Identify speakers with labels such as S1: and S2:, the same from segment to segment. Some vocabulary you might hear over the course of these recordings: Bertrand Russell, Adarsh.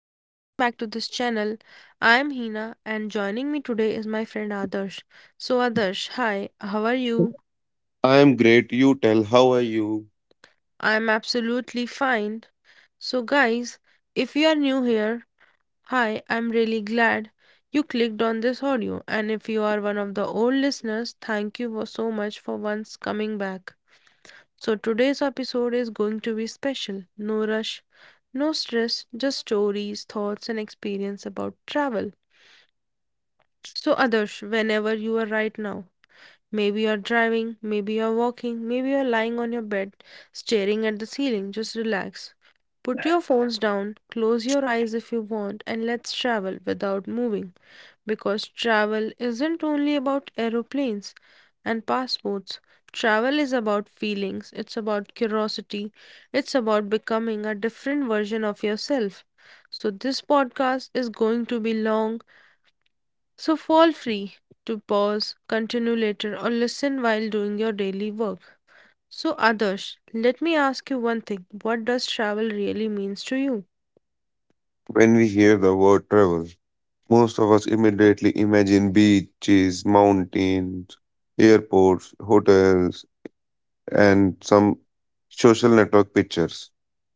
S1: back to this channel. I am Hina and joining me today is my friend Adarsh. So Adarsh, hi, how are you?
S2: I am great. You tell, how are you?
S1: I am absolutely fine. So guys, if you are new here, hi, I'm really glad you clicked on this audio and if you are one of the old listeners, thank you for so much for once coming back. So today's episode is going to be special. No rush, no stress, just stories, thoughts and experience about travel. So, others, whenever you are right now, maybe you're driving, maybe you're walking, maybe you're lying on your bed, staring at the ceiling, just relax. Put your phones down, close your eyes if you want, and let's travel without moving. Because travel isn't only about aeroplanes and passports. Travel is about feelings, it's about curiosity, it's about becoming a different version of yourself. So, this podcast is going to be long so fall free to pause, continue later, or listen while doing your daily work. So, Adarsh, let me ask you one thing. What does travel really means to you?
S2: When we hear the word travel, most of us immediately imagine beaches, mountains, airports, hotels, and some social network pictures.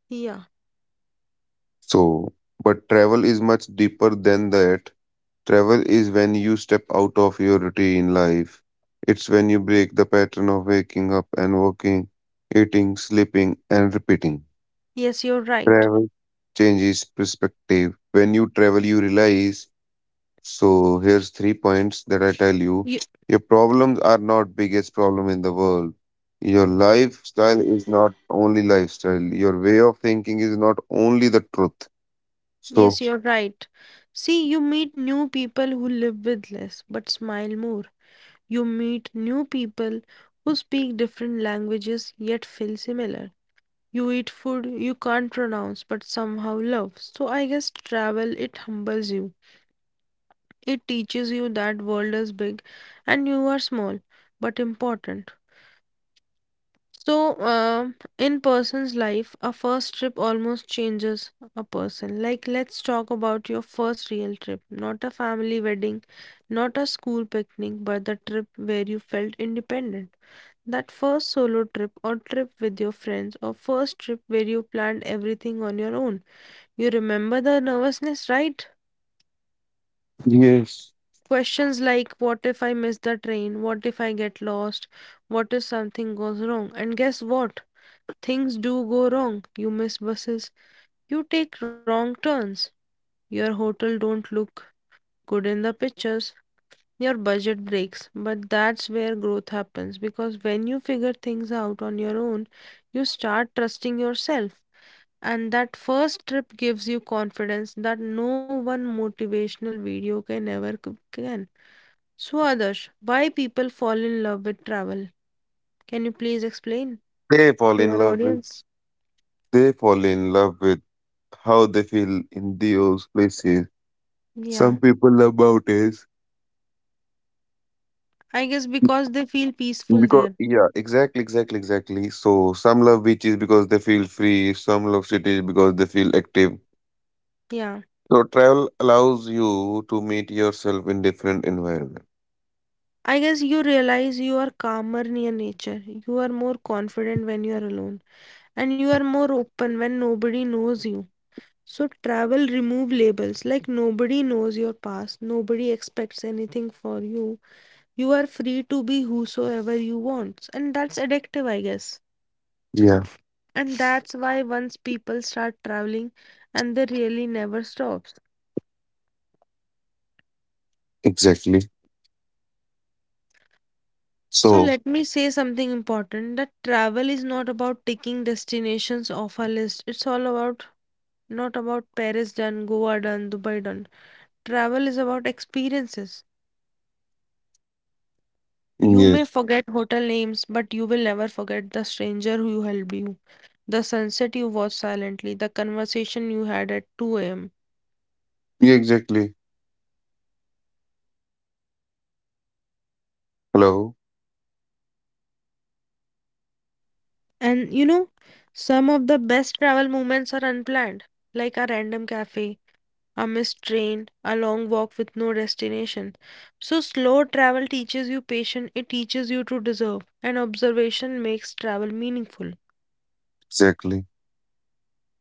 S1: Yeah.
S2: So, but travel is much deeper than that. Travel is when you step out of your routine life. It's when you break the pattern of waking up and working, eating, sleeping, and repeating.
S1: Yes, you're right.
S2: Travel changes perspective. When you travel, you realize. So here's three
S1: You,
S2: points that I tell you. Your problems are not biggest problem in the world. Your lifestyle is not only lifestyle. Your way of thinking is not only the truth. So
S1: yes, you're right. See, you meet new people who live with less but smile more. You meet new people who speak different languages yet feel similar. You eat food you can't pronounce but somehow love. So I guess travel it humbles you. It teaches you that world is big and you are small but important. So, in person's life, a first trip almost changes a person. Like, let's talk about your first real trip, not a family wedding, not a school picnic, but the trip where you felt independent. That first solo trip or trip with your friends, or first trip where you planned everything on your own. You remember the nervousness, right?
S2: yes,
S1: Questions like what if I miss the train? What if I get lost? What if something goes wrong? And guess what? Things do go wrong. You miss buses. You take wrong turns. Your hotel don't look good in the pictures. Your budget breaks. But that's where growth happens because when you figure things out on your own, you start trusting yourself. And that first trip gives you confidence that no one motivational video can ever can. So, Adarsh, why people fall in love with travel? Can you please explain
S2: They fall
S1: to
S2: in
S1: our
S2: love with
S1: audience?
S2: they fall in love with how they feel in those places.
S1: Yeah,
S2: Some people love mountains
S1: I guess because they feel peaceful
S2: because
S1: there.
S2: yeah, exactly. So some love beaches because they feel free, some love cities because they feel active.
S1: Yeah,
S2: So travel allows you to meet yourself in different environment.
S1: I guess you realize you are calmer near nature. You are more confident when you are alone, and you are more open when nobody knows you. So, travel remove labels like nobody knows your past, nobody expects anything for you. You are free to be whosoever you want, and that's addictive, I guess.
S2: Yeah,
S1: And that's why once people start traveling and they really never stops.
S2: exactly.
S1: So
S2: So
S1: let me say something important that travel is not about ticking destinations off a list. It's all about not about Paris done, Goa done, Dubai done. Travel is about experiences. You may
S2: yes,
S1: forget hotel names, but you will never forget the stranger who helped you, the sunset you watched silently, the conversation you had at 2 a.m.
S2: yeah, exactly. Hello,
S1: And you know, some of the best travel moments are unplanned, like a random cafe, a missed train, a long walk with no destination. So, slow travel teaches you patience, it teaches you to deserve, and observation makes travel meaningful.
S2: exactly.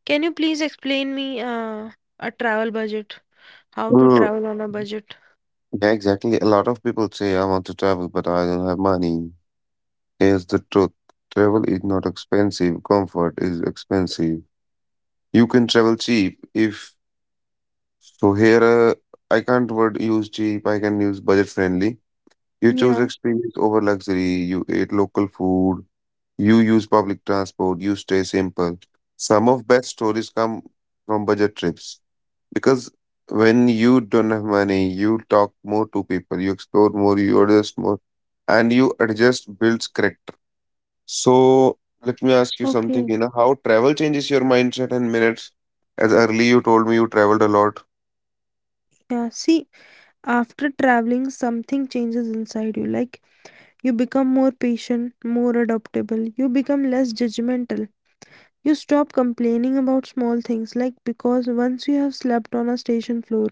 S1: Can you please explain me a travel budget? How to
S2: Mm,
S1: travel on a budget?
S2: yeah, exactly. A lot of people say I want to travel, but I don't have money. Here's the truth: travel is not expensive. Comfort is expensive. You can travel cheap if. So here, I can't word use cheap. I can use budget friendly. You choose
S1: Yeah,
S2: experience over luxury. You eat local food. You use public transport, you stay simple. Some of best stories come from budget trips because when you don't have money, you talk more to people, you explore more, you adjust more, and you adjust builds character. So let me ask you
S1: okay.
S2: something, you know, how travel changes your mindset and minutes. As early you told me you traveled a lot.
S1: Yeah, see, after traveling, something changes inside you. Like, you become more patient, more adaptable, you become less judgmental. You stop complaining about small things, like because once you have slept on a station floor,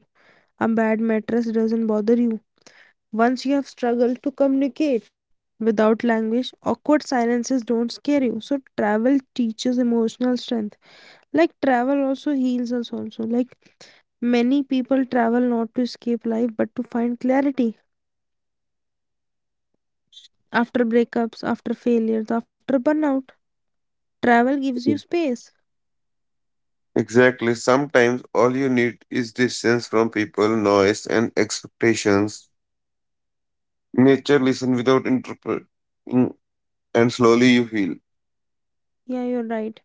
S1: a bad mattress doesn't bother you. Once you have struggled to communicate without language, awkward silences don't scare you. So, travel teaches emotional strength. Like, travel also heals us, also. Like, many people travel not to escape life but to find clarity after breakups, after failures, after burnout. Travel gives
S2: Mm.
S1: you space.
S2: Exactly. Sometimes all you need is distance from people, noise, and expectations. Nature listen without interpret and slowly you heal.
S1: Yeah, you're right.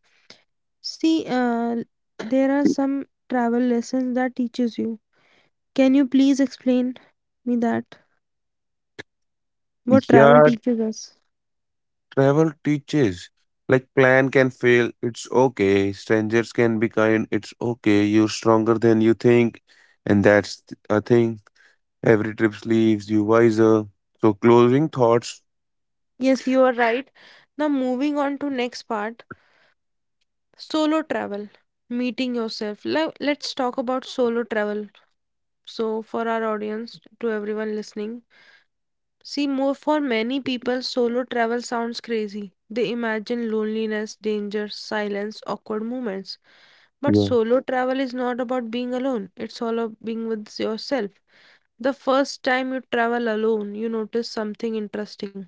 S1: See, there are some travel lessons that teaches you. Can you please explain me that? What
S2: Yeah,
S1: travel teaches us?
S2: travel teaches. Like plan can fail, it's okay. Strangers can be kind, it's okay. You're stronger than you think, and that's a thing. Every trip leaves you wiser. So closing thoughts.
S1: Yes, you are right. Now moving on to next part, solo travel, meeting yourself. Let's talk about solo travel. So for our audience, to everyone listening, see more for many people, solo travel sounds crazy. They imagine loneliness, danger, silence, awkward moments. But
S2: Yeah,
S1: solo travel is not about being alone, it's all about being with yourself. The first time you travel alone, you notice something interesting.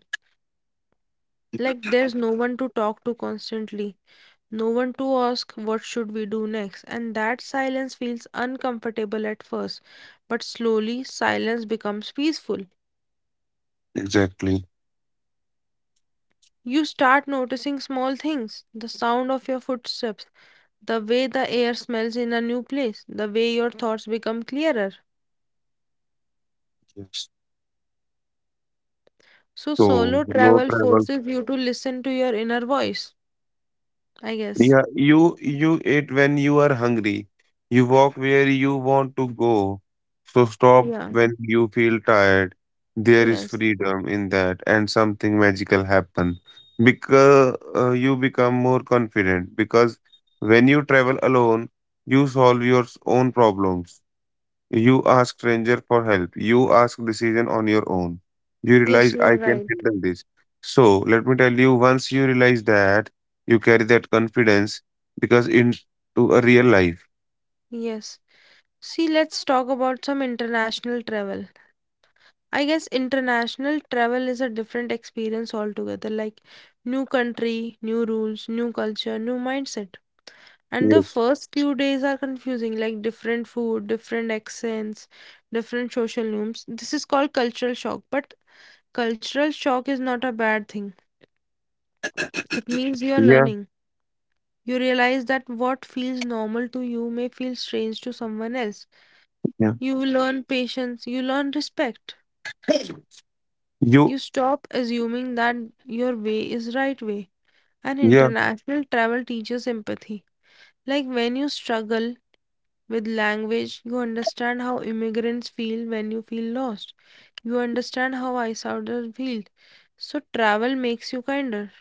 S1: Like there's no one to talk to constantly, no one to ask what should we do next, and that silence feels uncomfortable at first, but slowly silence becomes peaceful.
S2: exactly.
S1: You start noticing small things, the sound of your footsteps, the way the air smells in a new place, the way your thoughts become clearer.
S2: Yes.
S1: So
S2: So
S1: solo
S2: no
S1: travel
S2: travel.
S1: forces you to listen to your inner voice, I guess.
S2: Yeah, you eat when you are hungry. You walk where you want to go. So stop
S1: Yeah.
S2: when you feel tired. There is
S1: Yes.
S2: freedom in that, and something magical happen because you become more confident. Because when you travel alone, you solve own problems. You ask stranger for help. You ask decision on your own. You
S1: Yes,
S2: realize
S1: you
S2: I
S1: are
S2: can
S1: right.
S2: handle this. So let me tell you, once you realize that, you carry that confidence because into a real life.
S1: Yes. See, let's talk about some international travel. I guess international travel is a different experience altogether, like new country, new rules, new culture, new mindset. And the
S2: Yes.
S1: first few days are confusing, like different food, different accents, different social norms. This is called cultural shock, but cultural shock is not a bad thing. It means you are
S2: Yeah.
S1: learning. You realize that what feels normal to you may feel strange to someone else.
S2: Yeah.
S1: You will learn patience, you learn respect. You
S2: You.
S1: stop assuming that your way is right way. And
S2: Yeah.
S1: international travel teaches empathy. Like when you struggle with language, you understand how immigrants feel when you feel lost. You understand how outsiders feel. So travel makes you kinder.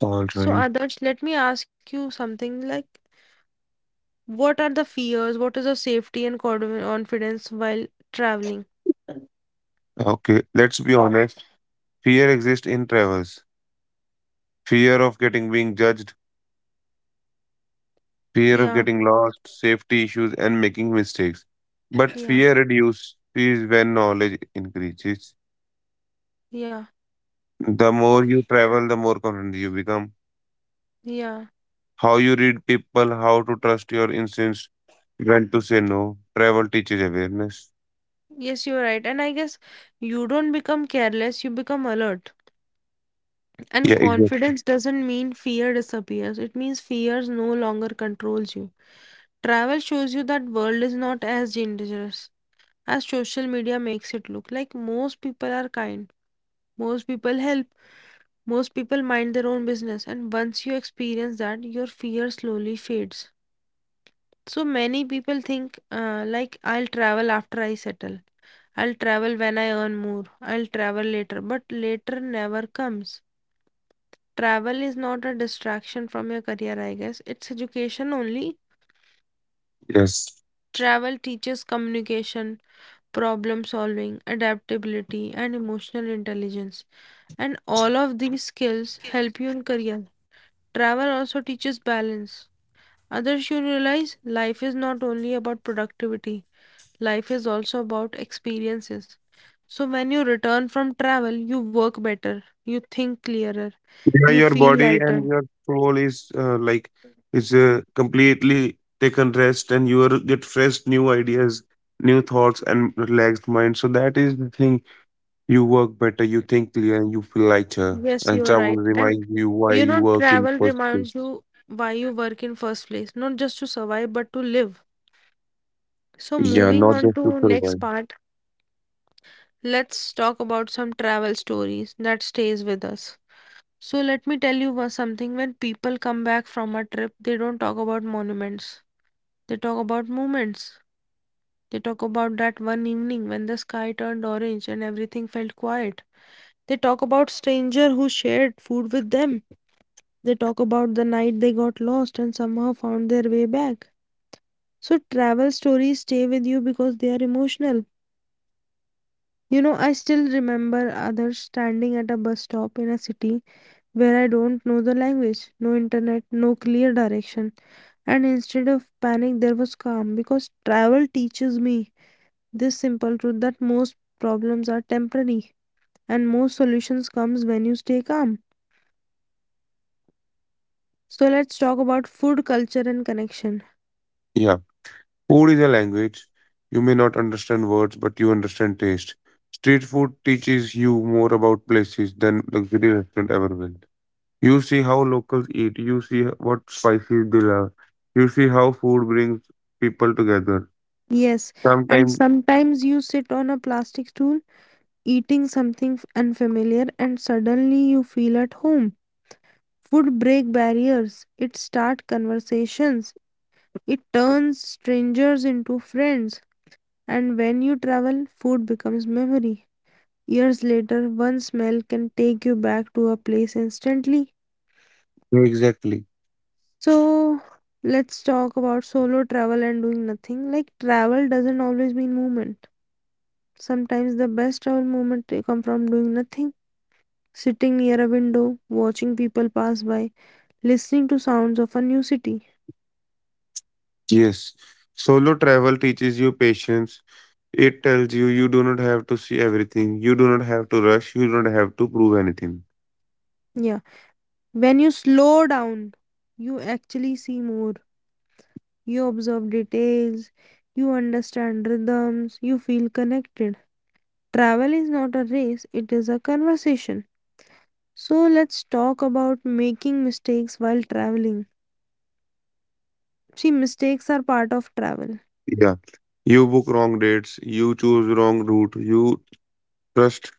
S2: All
S1: So
S2: right.
S1: Adarsh, let me ask you something like what are the fears? What is the safety and confidence while traveling?
S2: Okay. Let's be honest. Fear exists in travels. Fear of getting being judged. Fear of
S1: Yeah,
S2: getting lost. Safety issues and making mistakes. But
S1: yeah,
S2: fear reduces when knowledge increases.
S1: yeah,
S2: The more you travel, the more confident you become.
S1: yeah.
S2: How you read people, how to trust your instincts, when to say no. Travel teaches awareness.
S1: Yes, you're right. And I guess you don't become careless, you become alert. And
S2: Yeah, exactly.
S1: confidence doesn't mean fear disappears, it means fears no longer controls you. Travel shows you that world is not as dangerous as social media makes it look. Like most people are kind, most people help, most people mind their own business. And once you experience that, your fear slowly fades. So many people think, like, I'll travel after I settle. I'll travel when I earn more. I'll travel later. But later never comes. Travel is not a distraction from your career, I guess. It's education only.
S2: Yes.
S1: Travel teaches communication, problem solving, adaptability, and emotional intelligence. And all of these skills help you in career. Travel also teaches balance. Others should realize life is not only about productivity. Life is also about experiences. So when you return from travel, you work better, you think clearer,
S2: Yeah,
S1: you
S2: your
S1: feel
S2: body and
S1: lighter.
S2: your soul is like is completely taken rest, and you are get fresh new ideas, new thoughts, and relaxed mind. So that is the thing. You work better, you think clear, and you feel lighter.
S1: Yes,
S2: And
S1: you are
S2: travel
S1: right. And
S2: reminds you why
S1: you
S2: you
S1: know,
S2: work in
S1: travel
S2: first place.
S1: reminds you why you work in first place, not just to survive, but to live. So
S2: Yeah,
S1: moving
S2: not
S1: on
S2: just to
S1: to next
S2: survive.
S1: part, let's talk about some travel stories that stays with us. So let me tell you something. When people come back from a trip, they don't talk about monuments. They talk about moments. They talk about that one evening when the sky turned orange and everything felt quiet. They talk about stranger who shared food with them. They talk about the night they got lost and somehow found their way back. So travel stories stay with you because they are emotional. You know, I still remember others standing at a bus stop in a city where I don't know the language, no internet, no clear direction. And instead of panic, there was calm because travel teaches me this simple truth that most problems are temporary, and most solutions comes when you stay calm. So let's talk about food culture and connection.
S2: Yeah, food is a language. You may not understand words, but you understand taste. Street food teaches you more about places than luxury restaurant ever will. You see how locals eat, what spices they love, you see how food brings people together.
S1: Yes, and
S2: Sometimes,
S1: sometimes you sit on a plastic stool eating something unfamiliar and suddenly you feel at home. Food break barriers, it start conversations, it turns strangers into friends. And when you travel, food becomes memory. Years later, one smell can take you back to a place instantly.
S2: exactly.
S1: So let's talk about solo travel and doing nothing. Like travel doesn't always mean movement. Sometimes the best travel moment they come from doing nothing, sitting near a window, watching people pass by, listening to sounds of a new city.
S2: Yes. Solo travel teaches you patience. It tells you you do not have to see everything, you do not have to rush, you don't have to prove anything.
S1: Yeah. When you slow down, you actually see more. You observe details, you understand rhythms, you feel connected. Travel is not a race, it is a conversation. So let's talk about making mistakes while traveling. See, mistakes are part of travel.
S2: Yeah. You book wrong dates, you choose wrong route, you trust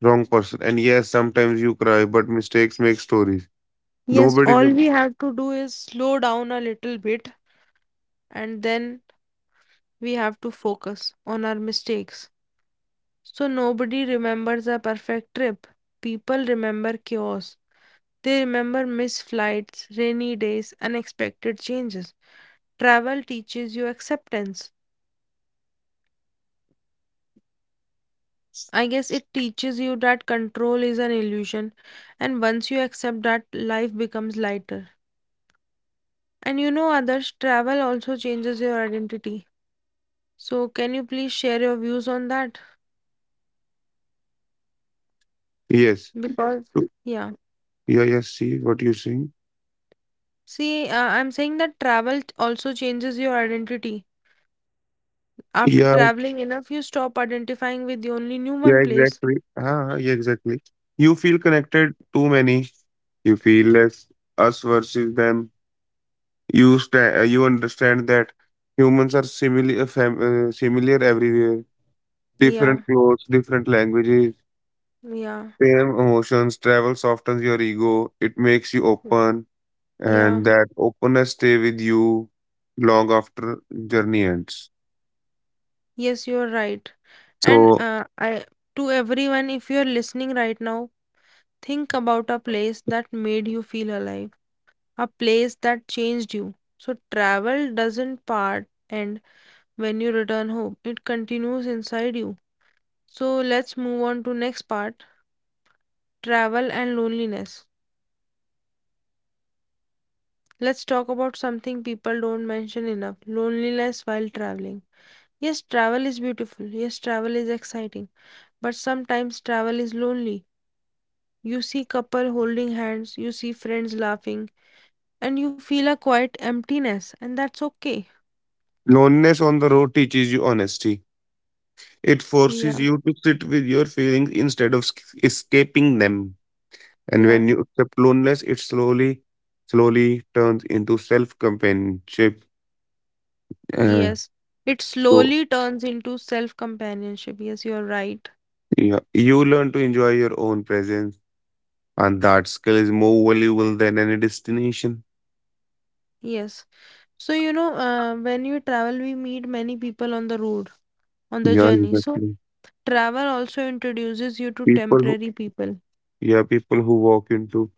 S2: wrong person. And yes, sometimes you cry, but mistakes make stories.
S1: Yes,
S2: Nobody,
S1: all we have to do is slow down a little bit and then we have to focus on our mistakes. So, nobody remembers a perfect trip. People remember chaos. They remember missed flights, rainy days, unexpected changes. Travel teaches you acceptance. I guess it teaches you that control is an illusion, and once you accept that, life becomes lighter. And you know, others, travel also changes your identity. So, can you please share your views on that?
S2: yes.
S1: Because,
S2: So,
S1: yeah,
S2: yeah, yes, see what you're saying.
S1: see, I'm saying that travel also changes your identity. After
S2: Yeah,
S1: traveling enough, you stop identifying with the only new one
S2: yeah,
S1: place.
S2: exactly. हाँ हाँ exactly. You feel connected to many. You feel less us versus them. You understand that humans are similar everywhere.
S1: Yeah,
S2: Different clothes, different languages,
S1: yeah,
S2: same emotions. Travel softens your ego. It makes you open,
S1: yeah.
S2: and that openness stay with you long after journey ends.
S1: Yes, you're right. And
S2: So
S1: I to everyone, if you're listening right now, think about a place that made you feel alive, a place that changed you. So, travel doesn't part, and when you return home, it continues inside you. So let's move on to next part, travel and loneliness. Let's talk about something people don't mention enough, loneliness while traveling. Yes, travel is beautiful. Yes, travel is exciting. But sometimes travel is lonely. You see couple holding hands, you see friends laughing, and you feel a quiet emptiness, and that's okay.
S2: loneliness on the road teaches you honesty. It forces
S1: Yeah,
S2: you to sit with your feelings instead of escaping them. And
S1: yeah,
S2: when you accept loneliness, it slowly, slowly turns into self companionship. Uh,
S1: yes. It
S2: so,
S1: slowly turns into self companionship. Yes, you're right.
S2: yeah, you learn to enjoy your own presence, and that skill is more valuable than any destination.
S1: Yes. So, you know, when you travel, we meet many people on the road, on the
S2: Yeah,
S1: journey. So,
S2: exactly.
S1: travel also introduces you to
S2: People who,
S1: temporary people.
S2: yeah, people who walk into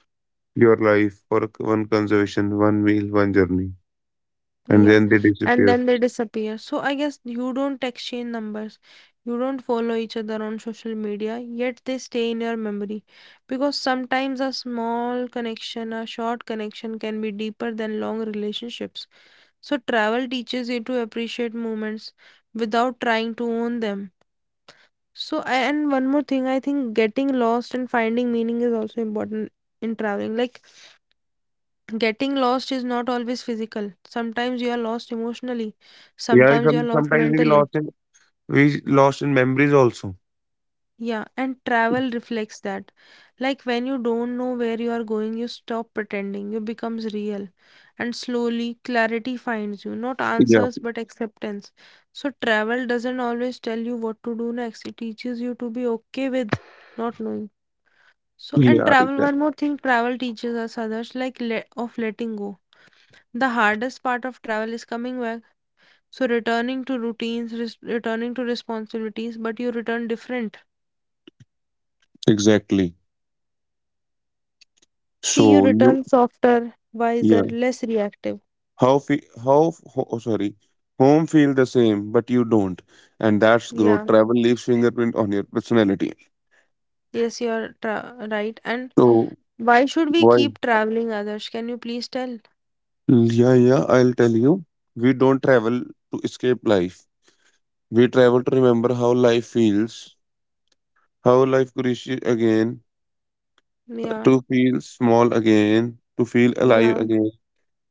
S2: your life for one conservation, one meal, one journey, and
S1: Yeah.
S2: then they
S1: And
S2: disappear.
S1: then they disappear. So, I guess you don't exchange numbers. You don't follow each other on social media, yet they stay in your memory. Because sometimes a small connection, a short connection can be deeper than long relationships. So, travel teaches you to appreciate moments without trying to own them. So, and one more thing, I think getting lost and finding meaning is also important in traveling. Like, getting lost is not always physical. Sometimes you are lost emotionally,
S2: Yeah,
S1: sometimes you are lost
S2: sometimes
S1: mentally.
S2: we lost in memories also.
S1: Yeah, and travel reflects that. Like, when you don't know where you are going, you stop pretending, you becomes real. And slowly, clarity finds you. Not
S2: Yeah,
S1: answers, but acceptance. So, travel doesn't always tell you what to do next, it teaches you to be okay with not knowing. So, and
S2: yeah,
S1: travel,
S2: exactly.
S1: one more thing travel teaches us others like le of letting go. The hardest part of travel is coming back. So, returning to routines, res returning to responsibilities, but you return different.
S2: Exactly.
S1: See, you
S2: So you,
S1: return softer, wiser,
S2: yeah,
S1: less reactive.
S2: how fe how f- ho- oh, sorry, home feel the same, but you don't, and that's growth.
S1: Yeah,
S2: Travel leaves fingerprint on your personality.
S1: yes, you're tra right. And
S2: So
S1: why should we
S2: why?
S1: keep traveling others? Can you please tell?
S2: Yeah, I'll tell you. We don't travel to escape life. We travel to remember how life feels, how life nourishes again,
S1: Yeah,
S2: to feel small again, to feel alive
S1: yeah.
S2: again.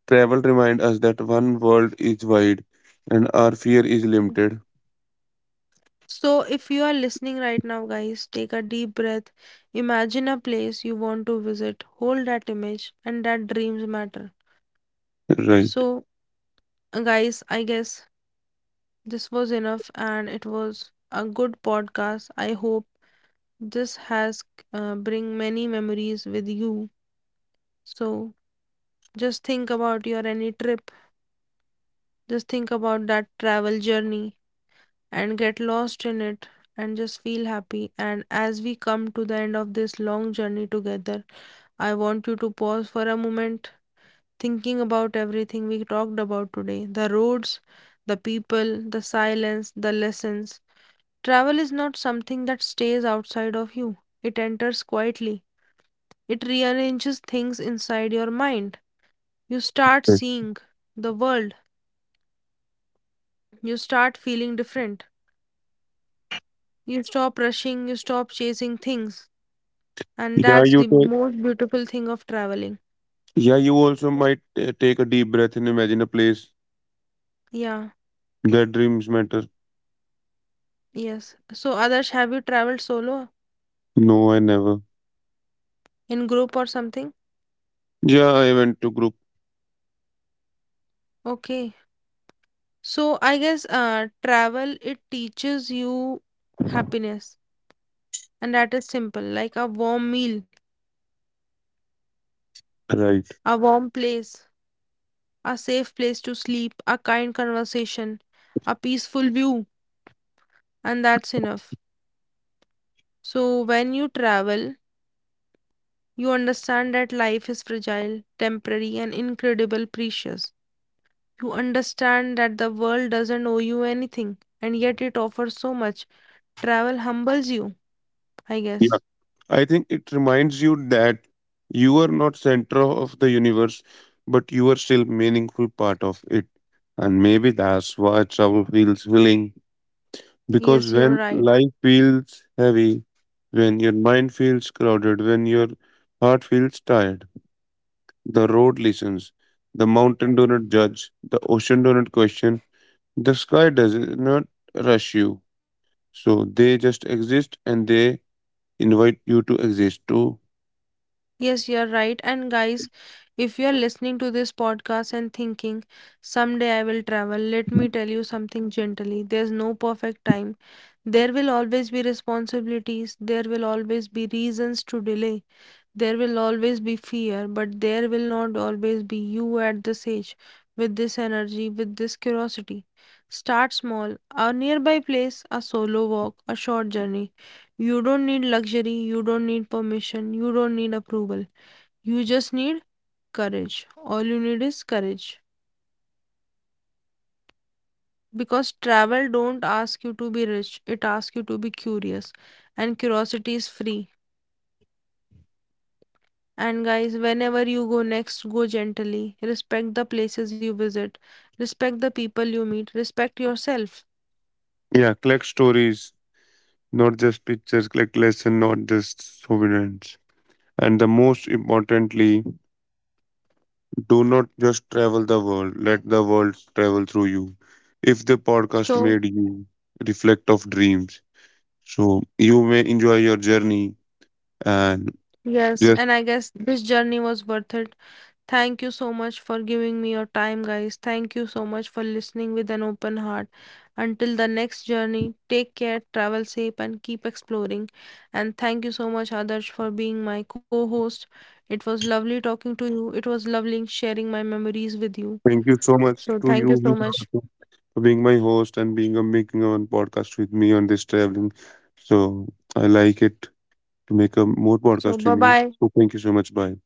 S2: Travel remind us that one world is wide, and our fear is limited.
S1: So, if you are listening right now, guys, take a deep breath. Imagine a place you want to visit. Hold that image and that dreams matter.
S2: Right.
S1: So, guys, I guess this was enough and it was a good podcast. I hope this has bring many memories with you. So, just think about your any trip. Just think about that travel journey and get lost in it and just feel happy. And as we come to the end of this long journey together, I want you to pause for a moment, thinking about everything we talked about today the roads, the people, the silence, the lessons. Travel is not something that stays outside of you, it enters quietly. It rearranges things inside your mind. You start
S2: Right.
S1: seeing the world, you start feeling different. You stop rushing, you stop chasing things, and
S2: Yeah,
S1: that's
S2: you
S1: the
S2: take.
S1: most beautiful thing of traveling.
S2: Yeah, you also might take a deep breath and imagine a place
S1: Yeah,
S2: where dreams matter.
S1: yes. So, others, have you traveled solo
S2: No, I never.
S1: in group or something?
S2: Yeah, I went to group.
S1: Okay. So, I guess travel it teaches you happiness, and that is simple like a warm meal,
S2: Right.
S1: a warm place, a safe place to sleep, a kind conversation, a peaceful view, and that's enough. So, when you travel, you understand that life is fragile, temporary, and incredible precious. You understand that the world doesn't owe you anything, and yet it offers so much. Travel humbles you, I
S2: Yeah.
S1: guess.
S2: I think it reminds you that you are not center of the universe, but you are still meaningful part of it. And maybe that's why travel feels willing.
S1: Yes,
S2: Because
S1: you're
S2: when
S1: right.
S2: life feels heavy, when your mind feels crowded, when your heart feels tired, the road listens. The mountain do not judge. The ocean do not question. The sky does not rush you. So they just exist and they invite you to exist too.
S1: Yes, you're right. And guys, if you're listening to this podcast and thinking, someday I will travel, let me tell you something gently. There's no perfect time. There will always be responsibilities, there will always be reasons to delay. There will always be fear, but there will not always be you at this age, with this energy, with this curiosity. Start small. A nearby place, a solo walk, a short journey. You don't need luxury, you don't need permission, you don't need approval. You just need courage. All you need is courage. Because travel don't ask you to be rich, it asks you to be curious. And curiosity is free. And guys, whenever you go next, go gently. Respect the places you visit, respect the people you meet, respect yourself.
S2: Yeah, collect stories, not just pictures, collect lessons, not just souvenirs. And the most importantly, do not just travel the world. Let the world travel through you. If the podcast
S1: So,
S2: made you reflect of dreams, so you may enjoy your journey and
S1: yes,
S2: just
S1: and I guess this journey was worth it. Thank you so much for giving me your time, guys. Thank you so much for listening with an open heart. Until the next journey, take care, travel safe, and keep exploring. And thank you so much, Adarsh, for being my co host. It was lovely talking to you, it was lovely sharing my memories with you.
S2: thank you so much
S1: So,
S2: to
S1: thank you
S2: you
S1: so
S2: Hina,
S1: much.
S2: also for being my host and being a making a podcast with me on this traveling. So I like it to make a more
S1: So bye
S2: podcast with you.
S1: bye.
S2: So
S1: Take
S2: thank you
S1: care.
S2: so much. Bye.